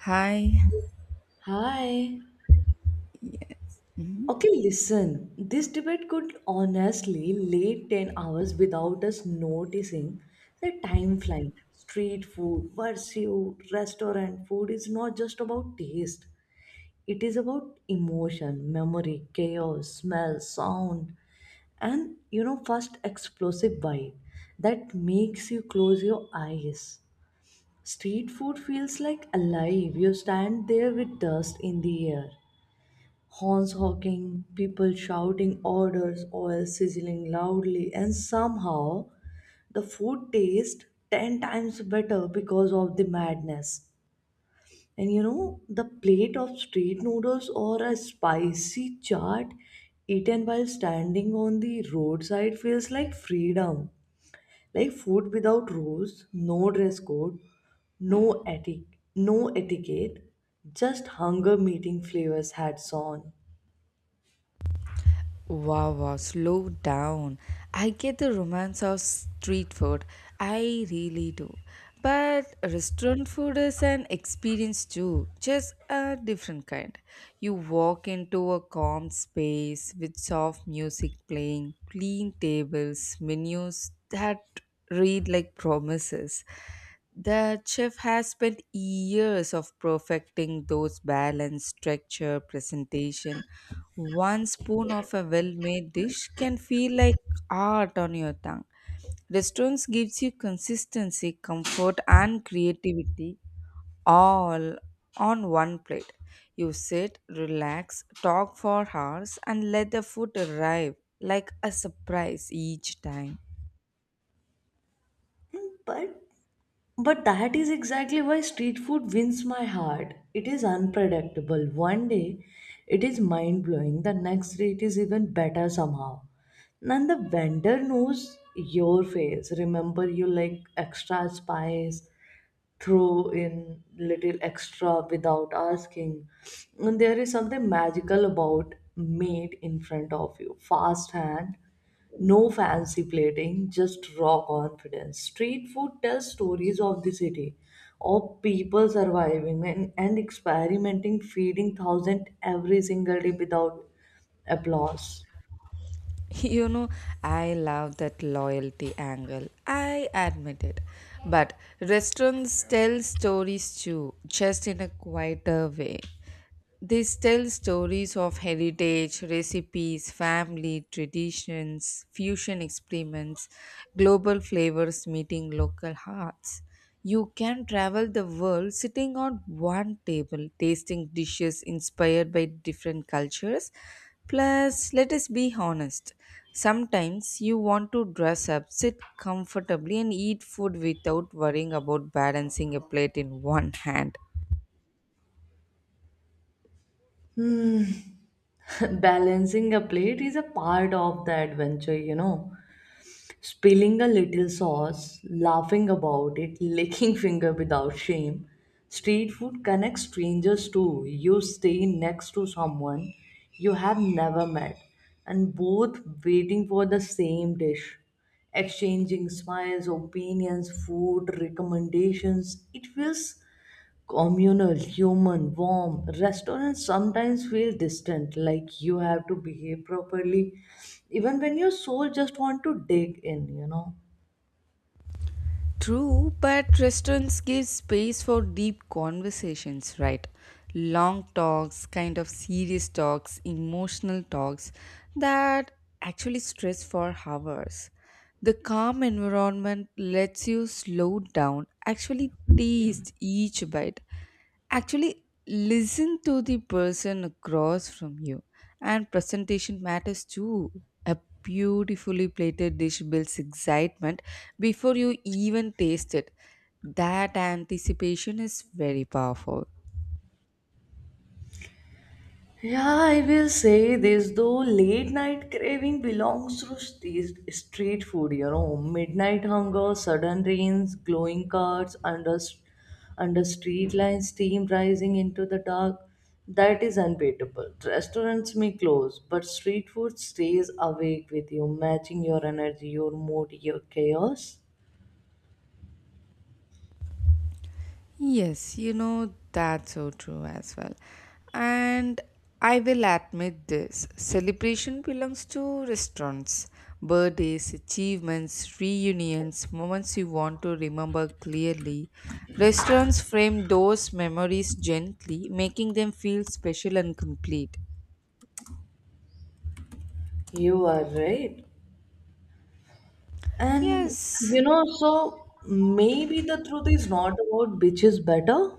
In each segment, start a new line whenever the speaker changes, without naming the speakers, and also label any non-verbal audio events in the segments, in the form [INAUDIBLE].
Hi.
Hi.
Mhm.
Okay, listen. This debate could honestly lay 10 hours without us noticing the time flying. Street food, versus restaurant food is not just about taste. It is about emotion, memory, chaos, smell, sound, and first explosive bite that makes you close your eyes. Street food feels like alive. You stand there with dust in the air, horns honking, people shouting orders, oil sizzling loudly, and somehow the food tastes 10 times better because of the madness. And the plate of street noodles or a spicy chaat eaten while standing on the roadside feels like freedom. Like food without rules, no dress code, no etic- no etiquette, just hunger meeting flavors hats on.
Wow, wow, slow down. I get the romance of street food. I really do. But restaurant food is an experience too, just a different kind. You walk into a calm space with soft music playing, clean tables, menus that read like promises. The chef has spent years of perfecting those balance, structure, presentation. One spoon of a well-made dish can feel like art on your tongue. Restaurants gives you consistency, comfort and creativity all on one plate. You sit, relax, talk for hours and let the food arrive like a surprise each time.
But But that is exactly why street food wins my heart. It is unpredictable. One day it is mind blowing, the next day it is even better somehow. And the vendor knows your face. Remember, you like extra spice. Throw in little extra without asking. And there is something magical about made in front of you. Fast hand, no fancy plating, just raw confidence. Street food tells stories of the city, of people surviving and experimenting, feeding thousand every single day without applause.
[LAUGHS] You know, I love that loyalty angle. I admit it. But restaurants tell stories too, just in a quieter way. They tell stories of heritage, recipes, family, traditions, fusion experiments, global flavors meeting local hearts. You can travel the world sitting on one table, tasting dishes inspired by different cultures. Plus, let us be honest, sometimes you want to dress up, sit comfortably, and eat food without worrying about balancing a plate in one hand.
[LAUGHS] Balancing a plate is a part of the adventure, you know. Spilling a little sauce, laughing about it, [LAUGHS] licking finger without shame. Street food connects strangers too. You stay next to someone you have never met and both waiting for the same dish. Exchanging smiles, opinions, food, recommendations. It feels communal, human, warm. Restaurants sometimes feel distant, like you have to behave properly, even when your soul just want to dig in, you know.
True, but restaurants give space for deep conversations, right? Long talks, kind of serious talks, emotional talks that actually stress for hours. The calm environment lets you slow down, actually taste each bite, actually listen to the person across from you, and presentation matters too. A beautifully plated dish builds excitement before you even taste it. That anticipation is very powerful.
Yeah, I will say this though, late night craving belongs to street food, you know. Midnight hunger, sudden rains, glowing carts, under street lines, steam rising into the dark. That is unbeatable. Restaurants may close, but street food stays awake with you, matching your energy, your mood, your chaos.
Yes, that's so true as well. And I will admit this celebration belongs to restaurants, birthdays, achievements, reunions, moments you want to remember clearly. Restaurants frame those memories gently, making them feel special and complete.
You are right. And
Yes,
so maybe the truth is not about which is better.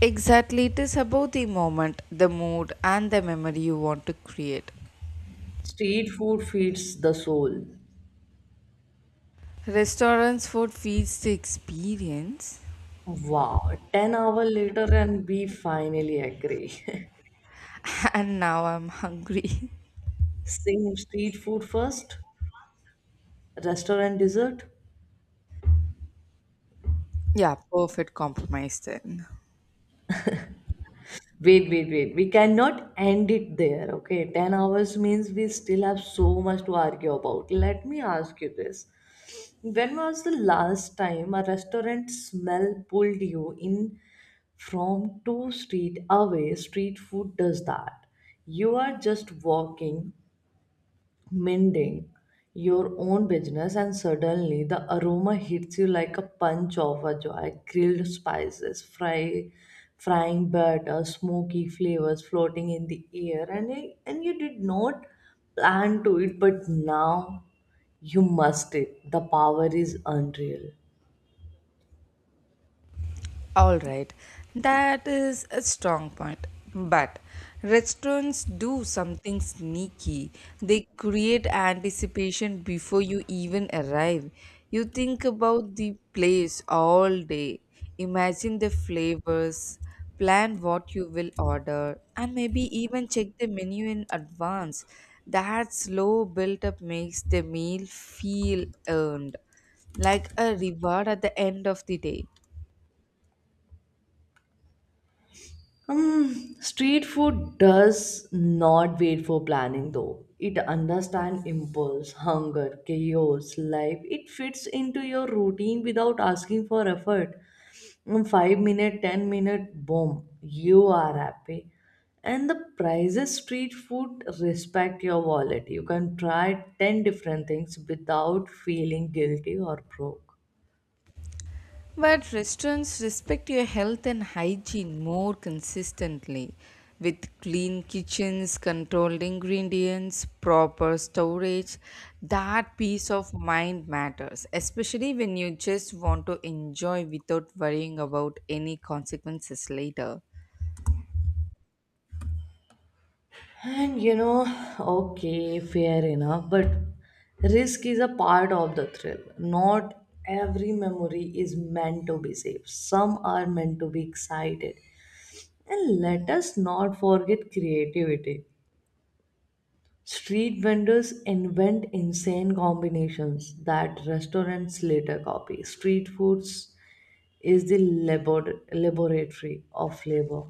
exactly. It is about the moment, the mood, and the memory you want to create.
Street food feeds the soul.
Restaurants' food feeds the experience.
Wow, 10 hour later and we finally agree.
[LAUGHS] And now I'm hungry. [LAUGHS]
[LAUGHS] Same, street food first, restaurant dessert.
Yeah, perfect compromise there.
Wait, wait, wait. We cannot end it there, okay? 10 hours means we still have so much to argue about. Let me ask you this. When was the last time a restaurant smell pulled you in from two street away? Street food does that. You are just walking, mending your own business, and suddenly the aroma hits you like a punch of a joy, grilled spices, frying butter, smoky flavors floating in the air, and you did not plan to it, but now you must it, the power is unreal.
All right, that is a strong point. But restaurants do something sneaky. They create anticipation before you even arrive. You think about the place all day, imagine the flavors, plan what you will order, and maybe even check the menu in advance. That slow build up makes the meal feel earned, like a reward at the end of the day.
Street food does not wait for planning though. It understands impulse, hunger, chaos, life. It fits into your routine without asking for effort. 5 minute, 10 minute, boom, you are happy. And the prices, street food respect your wallet. You can try ten different things without feeling guilty or broke.
But restaurants respect your health and hygiene more consistently with clean kitchens, controlled ingredients, proper storage. That peace of mind matters, especially when you just want to enjoy without worrying about any consequences later.
And okay, fair enough, but risk is a part of the thrill. Not every memory is meant to be safe, some are meant to be excited. And let us not forget creativity. Street vendors invent insane combinations that restaurants later copy. Street foods is the laboratory of flavor.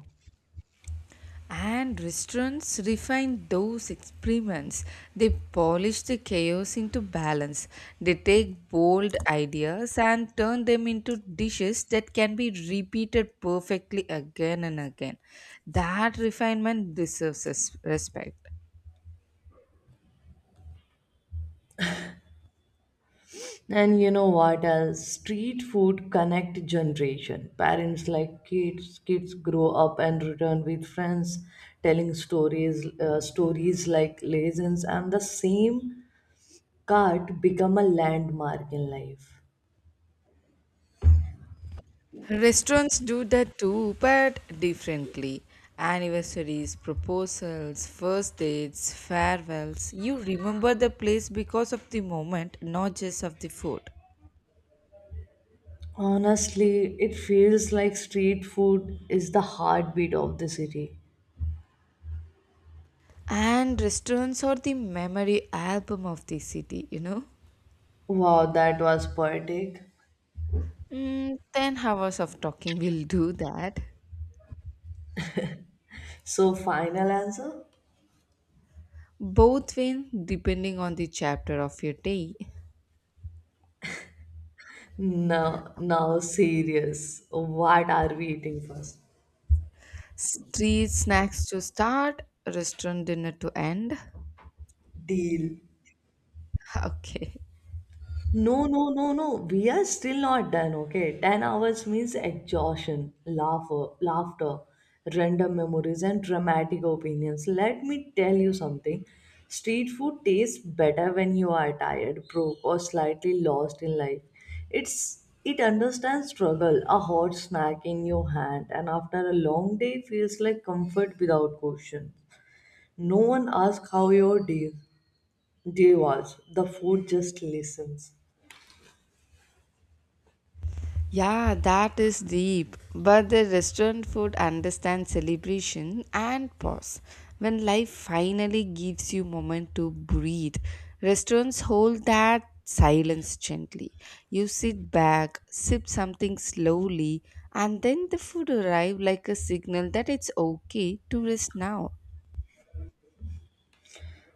And restaurants refine those experiments. They polish the chaos into balance. They take bold ideas and turn them into dishes that can be repeated perfectly again and again. That refinement deserves respect.
And you know what else? Street food connect generation. Parents like kids, kids grow up and return with friends, telling stories like legends, and the same cart become a landmark in life.
Restaurants do that too, but differently. Anniversaries, proposals, first dates, farewells. You remember the place because of the moment, not just of the food.
Honestly, it feels like street food is the heartbeat of the city.
And restaurants are the memory album of the city.
Wow, that was poetic.
Mm, 10 hours of talking will do that.
So, final answer?
Both win depending on the chapter of your day.
No, now serious. What are we eating first?
Street snacks to start, restaurant dinner to end.
Deal.
[LAUGHS] Okay.
No, no, no, no. We are still not done, okay? 10 hours means exhaustion, laughter, laughter, random memories, and dramatic opinions. Let me tell you something. Street food tastes better when you are tired, broke, or slightly lost in life. It understands struggle, a hot snack in your hand, and after a long day feels like comfort without question. No one asks how your day was. The food just listens.
Yeah, that is deep. But the restaurant food understands celebration and pause. When life finally gives you moment to breathe, restaurants hold that silence gently. You sit back, sip something slowly, and then the food arrive like a signal that it's okay to rest now.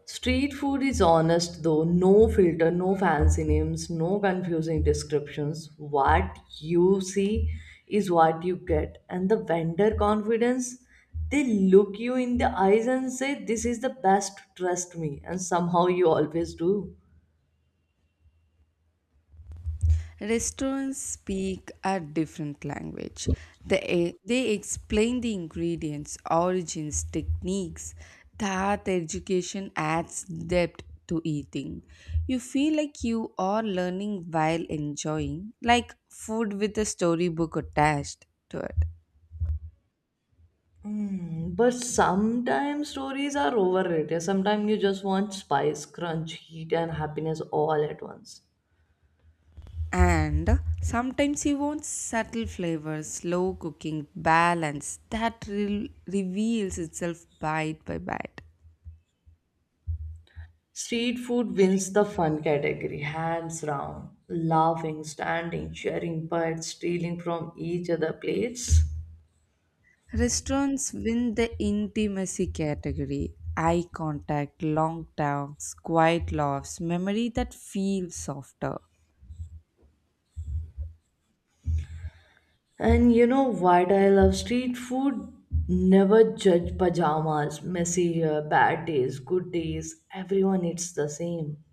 Street food is honest though, no filter, no fancy names, no confusing descriptions. What you see is what you get. And the vendor confidence, they look you in the eyes and say, "This is the best, trust me." And somehow you always do.
Restaurants speak a different language. They explain the ingredients, origins, techniques. That education adds depth to eating. You feel like you are learning while enjoying, like food with a storybook attached to it.
Mm, but sometimes stories are overrated. Sometimes you just want spice, crunch, heat, and happiness all at once.
And sometimes you want subtle flavors, slow cooking, balance that reveals itself bite by bite.
Street food wins the fun category, hands down. Laughing, standing, sharing bites, stealing from each other plates.
Restaurants win the intimacy category. Eye contact, long talks, quiet laughs, memory that feels softer.
And you know what I love street food? Never judge pajamas, messy hair, bad days, good days. Everyone eats the same.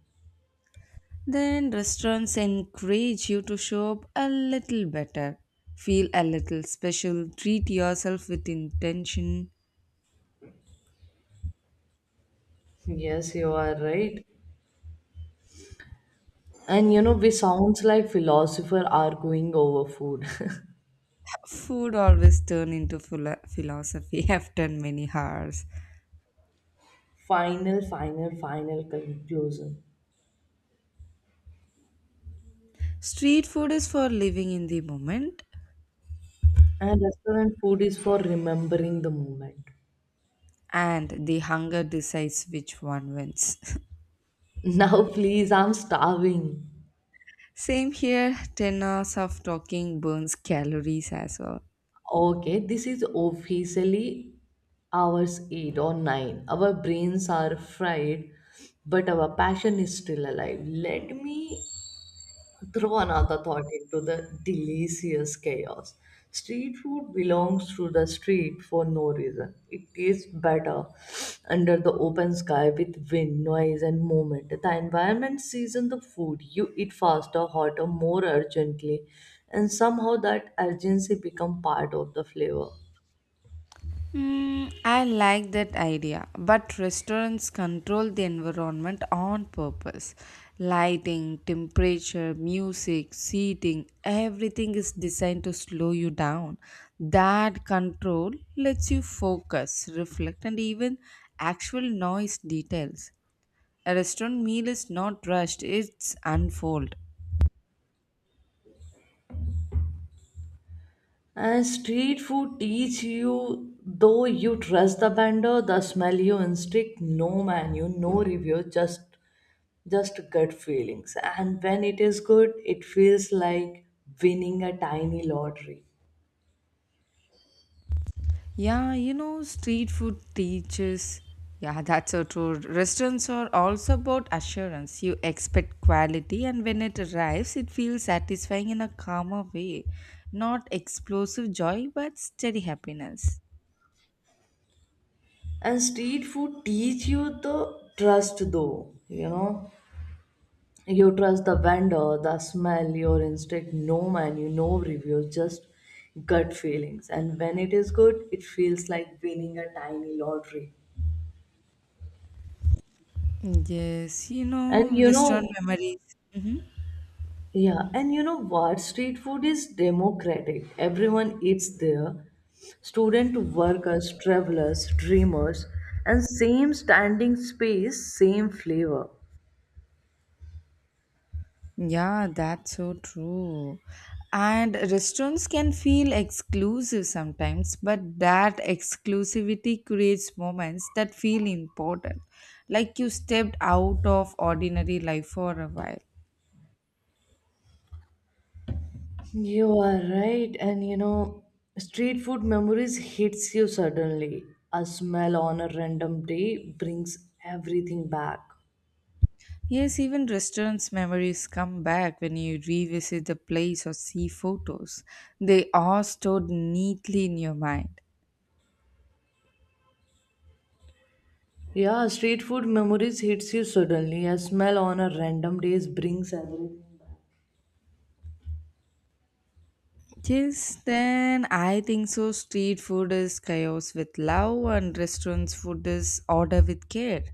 Then restaurants encourage you to show up a little better, feel a little special, treat yourself with intention.
Yes, you are right. And we sounds like philosopher arguing over food.
Food always turn into philosophy [LAUGHS] after many hours.
[LAUGHS] Final, final, final conclusion.
Street food is for living in the moment,
And restaurant food is for remembering the moment.
and the hunger decides which one wins. [LAUGHS]
Now, [LAUGHS] please, I'm starving.
Same here, 10 hours of talking burns calories as well.
Okay, this is officially hours 8 or 9. Our brains are fried, but our passion is still alive. Let me throw another thought into the delicious chaos. Street food belongs to the street for no reason. It tastes better under the open sky with wind, noise, and movement. The environment seasons the food. You eat faster, hotter, more urgently, and somehow that urgency becomes part of the flavor.
Hmm, I like that idea, but restaurants control the environment on purpose. Lighting, temperature, music, seating, everything is designed to slow you down. That control lets you focus, reflect, and even actual noise details. A restaurant meal is not rushed, it's unfold.
And street food teach you, though, you trust the vendor, the smell you instinct, no menu, no review, just gut feelings. And when it is good, it feels like winning a tiny lottery.
Yeah, street food teaches. Yeah, that's so true. Restaurants are also about assurance. You expect quality, and when it arrives, it feels satisfying in a calmer way. Not explosive joy, but steady happiness.
And street food teach you the trust though, you know. You trust the vendor, the smell, your instinct, no menu, no reviews, just gut feelings. And when it is good, it feels like winning a tiny lottery.
Yes,
And
restaurant memories.
Yeah, and you know what? Street food is democratic. Everyone eats there. Student to workers, travelers, dreamers, and same standing space, same flavor.
Yeah, that's so true. And restaurants can feel exclusive sometimes, but that exclusivity creates moments that feel important, like you stepped out of ordinary life for a while.
You are right, and street food memories hits you suddenly. A smell on a random day brings everything back.
Yes, even restaurants' memories come back when you revisit the place or see photos. They are stored neatly in your mind.
Yeah, street food memories hits you suddenly. A smell on a random days brings everything.
Yes, then I think so. Street food is chaos with love, and restaurants food is order with care.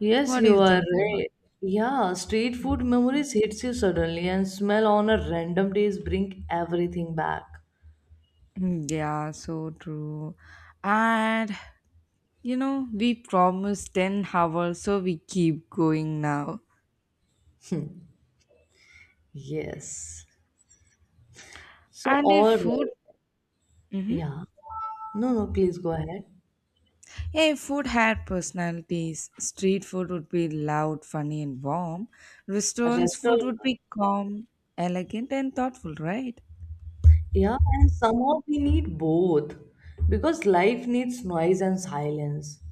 Yes,
What do
you
you
are
think about?
right. Yeah, street food memories hits you suddenly and smell on a random days bring everything back.
Mm, yeah, so true. And we promised 10 hours, so we keep going now.
Yes. So
And if
all
food,
right.
Mm-hmm.
Yeah. No, no, please go ahead.
If food had personalities, street food would be loud, funny, and warm. Restaurants food
Restaurant.
would be calm, elegant, and thoughtful, right?
Yeah, and somehow we need both because life needs noise and silence.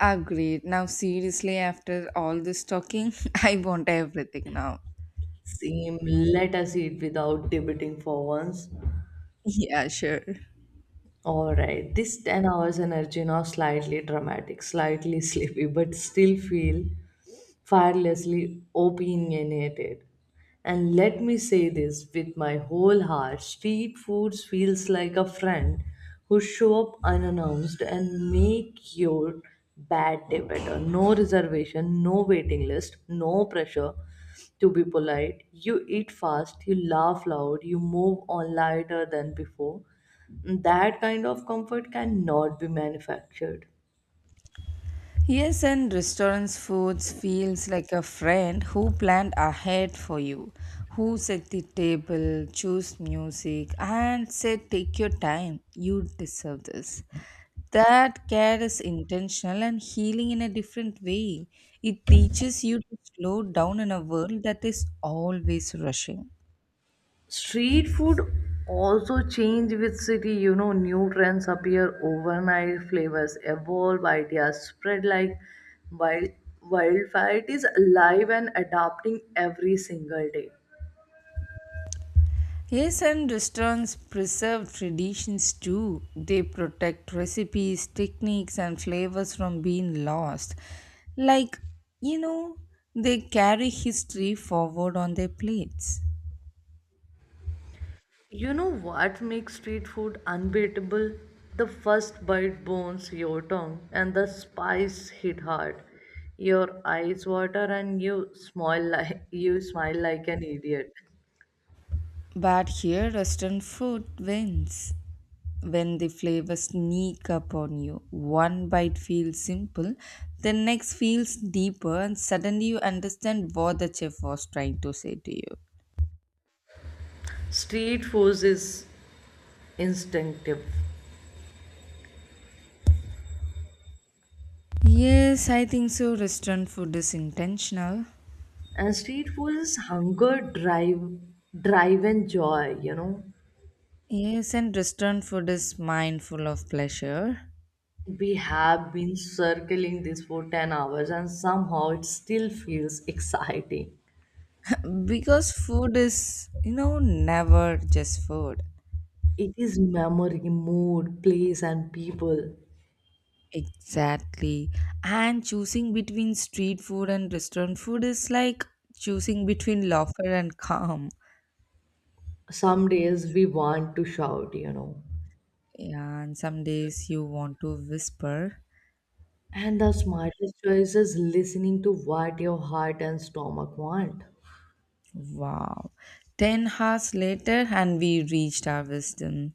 Agreed. Now, seriously, after all this talking, [LAUGHS] I want everything now.
Same, let us eat without debating for once.
Yeah, sure.
All right, this 10 hours energy now slightly dramatic, slightly [LAUGHS] sleepy, but still feel fearlessly opinionated. And let me say this with my whole heart, street food feels like a friend who show up unannounced and make your bad day better. No reservation, no waiting list, no pressure to be polite. You eat fast, you laugh loud, you move on lighter than before. That kind of comfort cannot be manufactured.
Yes, and restaurants' foods feels like a friend who planned ahead for you, who set the table, choose music, and said, "Take your time. You deserve this." That care is intentional and healing in a different way. It teaches you to slow down in a world that is always rushing.
Street food also change with city, you know, new trends appear overnight, flavors evolve, ideas spread like wild wildfire. It is alive and adapting every single day.
Yes, and restaurants preserve traditions too. They protect recipes, techniques, and flavors from being lost. Like, you know, they carry history forward on their plates.
You know what makes street food unbeatable? The first bite burns your tongue and the spice hit hard. Your eyes water and you smile like an idiot.
But here, restaurant food wins. When the flavors sneak up on you, one bite feels simple, the next feels deeper, and suddenly you understand what the chef was trying to say to you.
Street food is instinctive.
Yes, I think so. Restaurant food is intentional.
And street food is hunger drive and joy, you know.
Yes, and restaurant food is mindful of pleasure.
We have been circling this for 10 hours and somehow it still feels exciting.
[LAUGHS] Because food is, never just food.
It is memory, mood, place and people.
Exactly. And choosing between street food and restaurant food is like choosing between [LAUGHS] laughter and calm.
Some days we want to shout, you know.
Yeah, and some days you want to whisper,
And the smartest choice is listening to what your heart and stomach want.
wow. 10 hours later, and we reached our wisdom.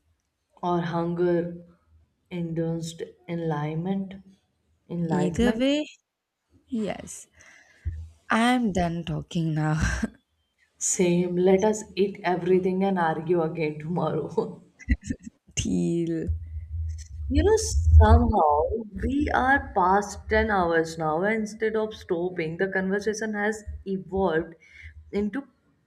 Or hunger induced enlightenment.
Either
Enlightenment.
way, yes. I'm done talking now.
Same. Let us eat everything and argue again tomorrow. [LAUGHS]
[LAUGHS] Deal.
You know, somehow we are past 10 hours now, and instead of stopping, the conversation has evolved into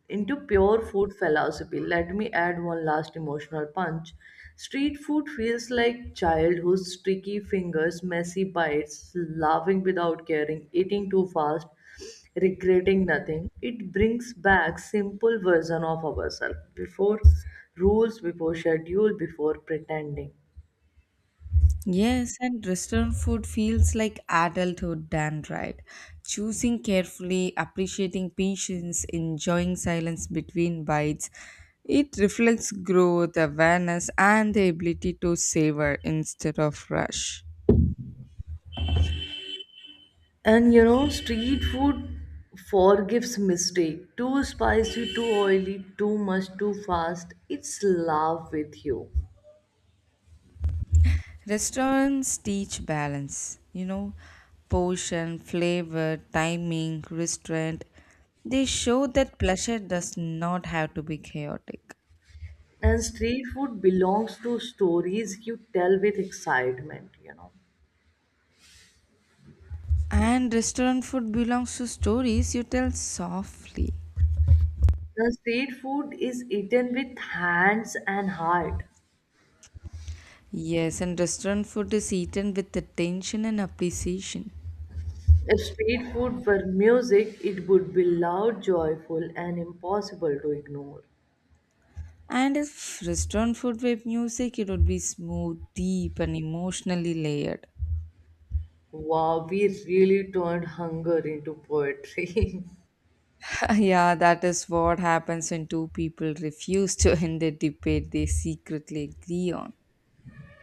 into pure food philosophy. Let me add one last emotional punch. Street food feels like childhood's sticky fingers, messy bites, laughing without caring, eating too fast, regretting nothing. It brings back simple version of ourselves before rules, before schedule, before pretending.
Yes, and restaurant food feels like adulthood done right. Choosing carefully, appreciating patience, enjoying silence between bites. It reflects growth, awareness, and the ability to savor instead of rush.
And street food forgives mistake. Too spicy, too oily, too much, too fast. It's love with you.
Restaurants teach balance, portion, flavor, timing, restraint. They show that pleasure does not have to be chaotic.
And street food belongs to stories you tell with excitement, you know.
And restaurant food belongs to stories you tell softly.
The street food is eaten with hands and heart.
Yes, and restaurant food is eaten with attention and appreciation.
If street food were music, it would be loud, joyful, and impossible to ignore.
And if restaurant food were music, it would be smooth, deep, and emotionally layered.
Wow, we really turned hunger into poetry. [LAUGHS]
[LAUGHS] Yeah, that is what happens when two people refuse to end a debate they secretly agree on.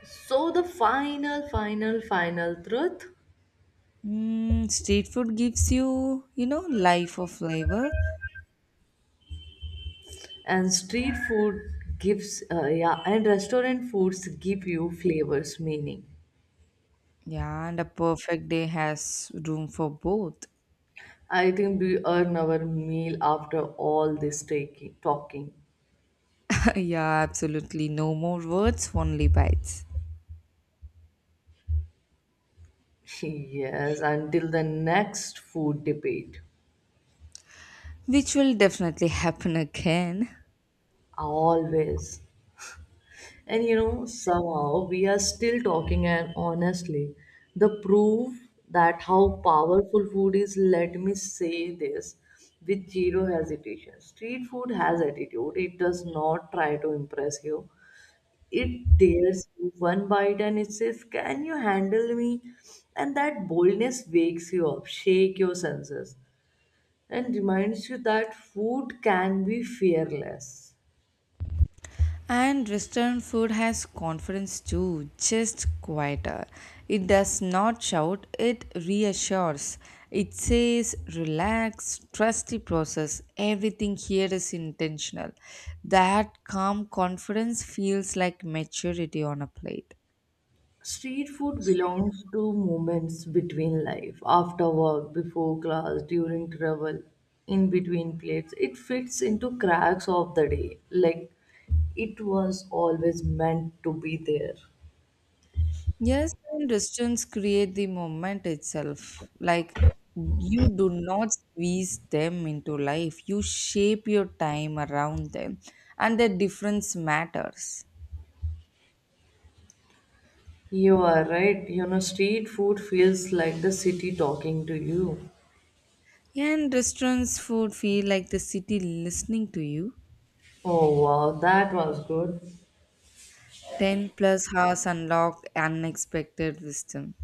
So the final, final, final truth,
Mm, street food gives you, life or flavor.
and street food gives, yeah, and restaurant foods give you flavors, meaning.
Yeah, and a perfect day has room for both.
I think we earn our meal after all this talking.
Yeah, absolutely. No more words, only bites.
[LAUGHS] Yes, until the next food debate.
Which will definitely happen again.
Always. And somehow we are still talking, and honestly, the proof that how powerful food is, let me say this with zero hesitation. Street food has attitude, it does not try to impress you. It dares you one bite and it says, "Can you handle me?" And that boldness wakes you up, shake your senses, and reminds you that food can be fearless.
And Western food has confidence too, just quieter. It does not shout, it reassures. It says, relax, trust the process. Everything here is intentional. That calm confidence feels like maturity on a plate.
Street food belongs to moments between life, after work, before class, during travel, in between plates. It fits into cracks of the day. Like it was always meant to be there.
Yes, and distance create the moment itself. Like you do not squeeze them into life. You shape your time around them, and the difference matters.
You are right. You know, street food feels like the city talking to you.
Yeah, and restaurants' would feel like the city listening to you.
Oh wow, that was good.
10 plus hours unlock unexpected wisdom.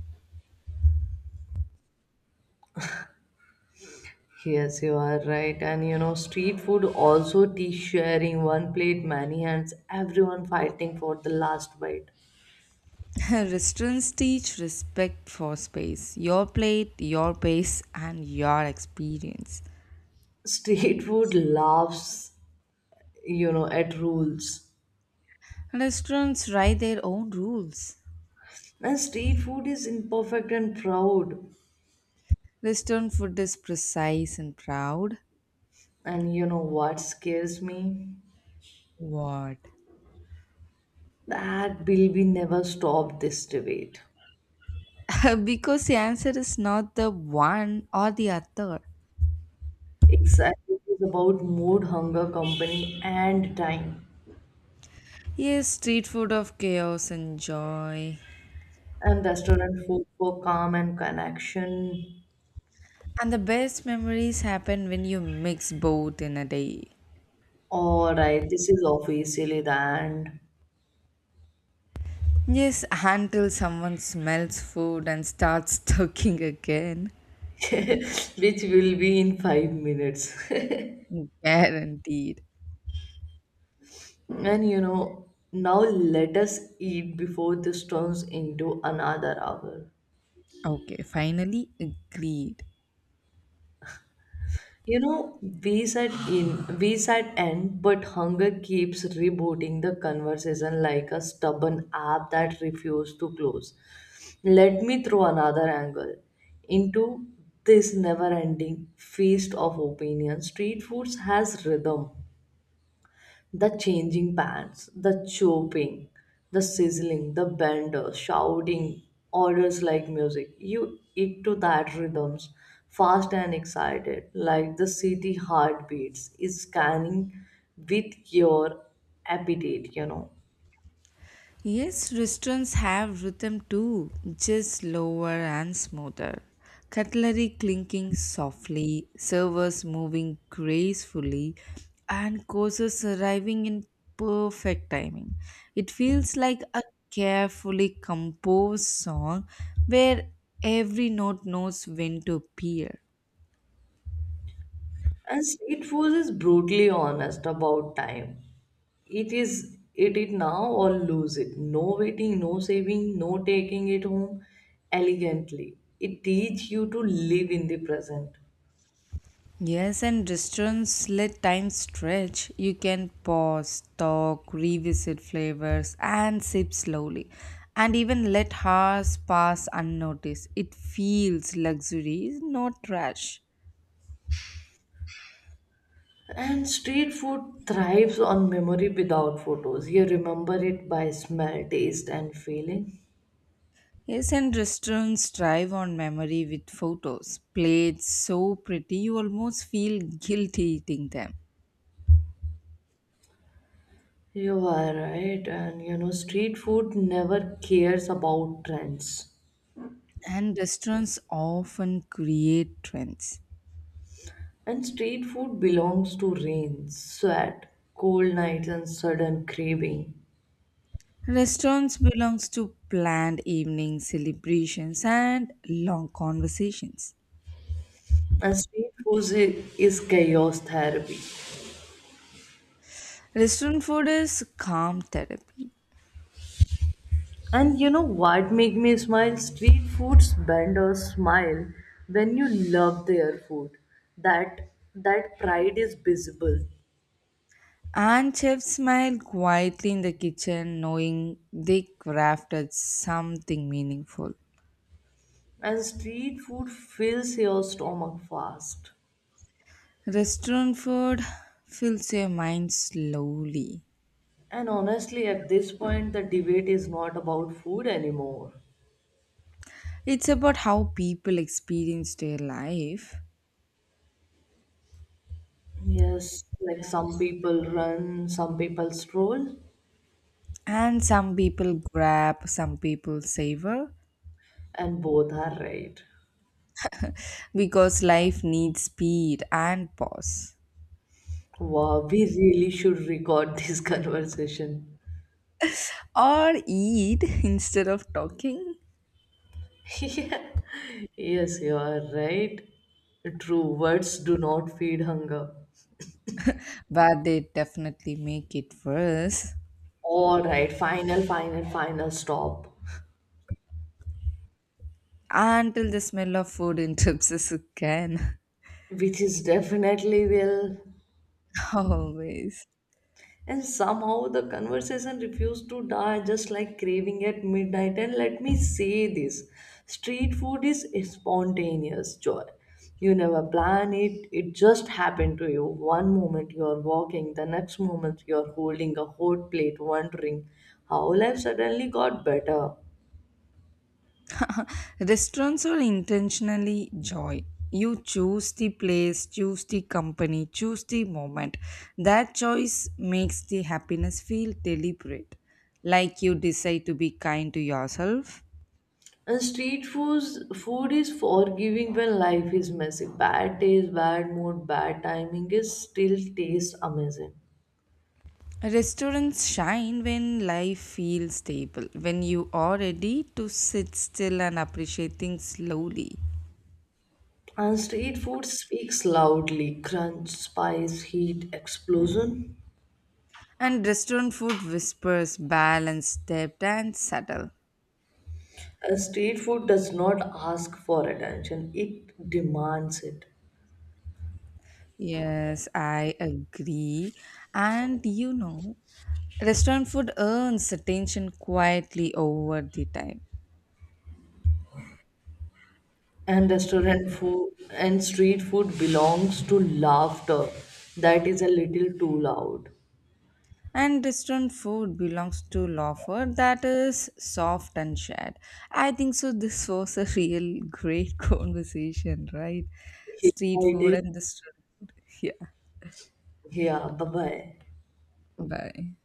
Yes, you are right. And street food also tea sharing, one plate, many hands, everyone fighting for the last bite.
[LAUGHS] Restaurants teach respect for space, your plate, your pace, and your experience.
Street food laughs, you know, at rules.
Restaurants write their own rules.
And street food is imperfect and proud.
Western food is precise and proud.
And you know what scares me,
What?
that bill we never stop this debate.
[LAUGHS] Because the answer is not the one or the other.
Exactly, it is about mood, hunger, company and time.
Yes, street food of chaos and joy.
And restaurant food for calm and connection.
And the best memories happen when you mix both in a day.
All right, this is officially the end,
Yes, until someone smells food and starts [LAUGHS] talking again.
which will be in 5 minutes. [LAUGHS]
Guaranteed.
And now let us eat before this turns into another hour.
Okay, finally agreed.
You know, we said we said end, but hunger keeps rebooting the conversation like a stubborn app that refuses to close. Let me throw another angle into this never ending feast of opinion. Street foods has rhythm, the changing pans, the chopping, the sizzling, the bender, shouting orders like music. You eat to that rhythms, fast and excited, like the city heartbeats is scanning with your appetite, you know.
Yes, restaurants have rhythm too, just slower and smoother. Cutlery clinking softly, servers moving gracefully, and courses arriving in perfect timing. It feels like a carefully composed song where every note knows when to appear.
And street food is brutally honest about time. It is eat it now or lose it. No waiting, no saving, no taking it home elegantly. It teaches you to live in the present.
Yes, and restaurants let time stretch. You can pause, talk, revisit flavors, and sip slowly. And even let hours pass unnoticed. It feels luxury, not trash.
And street food thrives on memory without photos. You remember it by smell, taste, and feeling.
Yes, and restaurants thrive on memory with photos. Plates so pretty, you almost feel guilty eating them.
You are right, and street food never cares about trends.
And restaurants often create trends.
And street food belongs to rain, sweat, cold nights, and sudden craving.
Restaurants belongs to planned evenings, celebrations and long conversations.
And street food is chaos therapy.
Restaurant food is calm therapy.
And you know what make me smile? Street foods bend or smile when you love their food. That that pride is visible.
And chefs smile quietly in the kitchen knowing they crafted something meaningful.
And street food fills your stomach fast.
Restaurant food fills your mind slowly.
And honestly, at this point, the debate is not about food anymore.
It's about how people experience their life.
Yes, like some people run, some people stroll,
And some people grab, some people savor
and both are right.
because life needs speed and pause.
Wow, we really should record this [LAUGHS] conversation. [LAUGHS]
Or eat [LAUGHS] instead of talking,
Yeah. Yes, you are right. True, words do not feed hunger.
but they definitely make it worse
All right, final, final, final stop,
until the smell of food interrupts again.
which is definitely will.
[LAUGHS] Always.
And somehow the conversation refused to die, just like craving at midnight. And let me say this, street food is spontaneous joy. You never plan it, it just happened to you. One moment you are walking, the next moment you are holding a hot plate, wondering how life suddenly got better.
[LAUGHS] Restaurants are intentionally joy. You choose the place, choose the company, choose the moment. That choice makes the happiness feel deliberate. Like you decide to be kind to yourself.
And street foods, food is forgiving when life is messy. Bad taste, bad mood, bad timing is still tastes amazing.
Restaurants shine when life feels stable, when you are ready to sit still and appreciate things slowly.
And street food speaks loudly, crunch, spice, heat, explosion.
And restaurant food whispers balance, depth, and subtle.
And street food does not ask for attention, it demands it.
Yes, I agree. And restaurant food earns attention quietly over the time.
And restaurant food and street food belongs to laughter that is a little too loud.
And restaurant food belongs to Lawford that is soft and shared. I think so. This was a real great [LAUGHS] conversation, right?
Yeah,
Street
I
food
did.
and restaurant food. Yeah.
Yeah, bye bye.
Bye.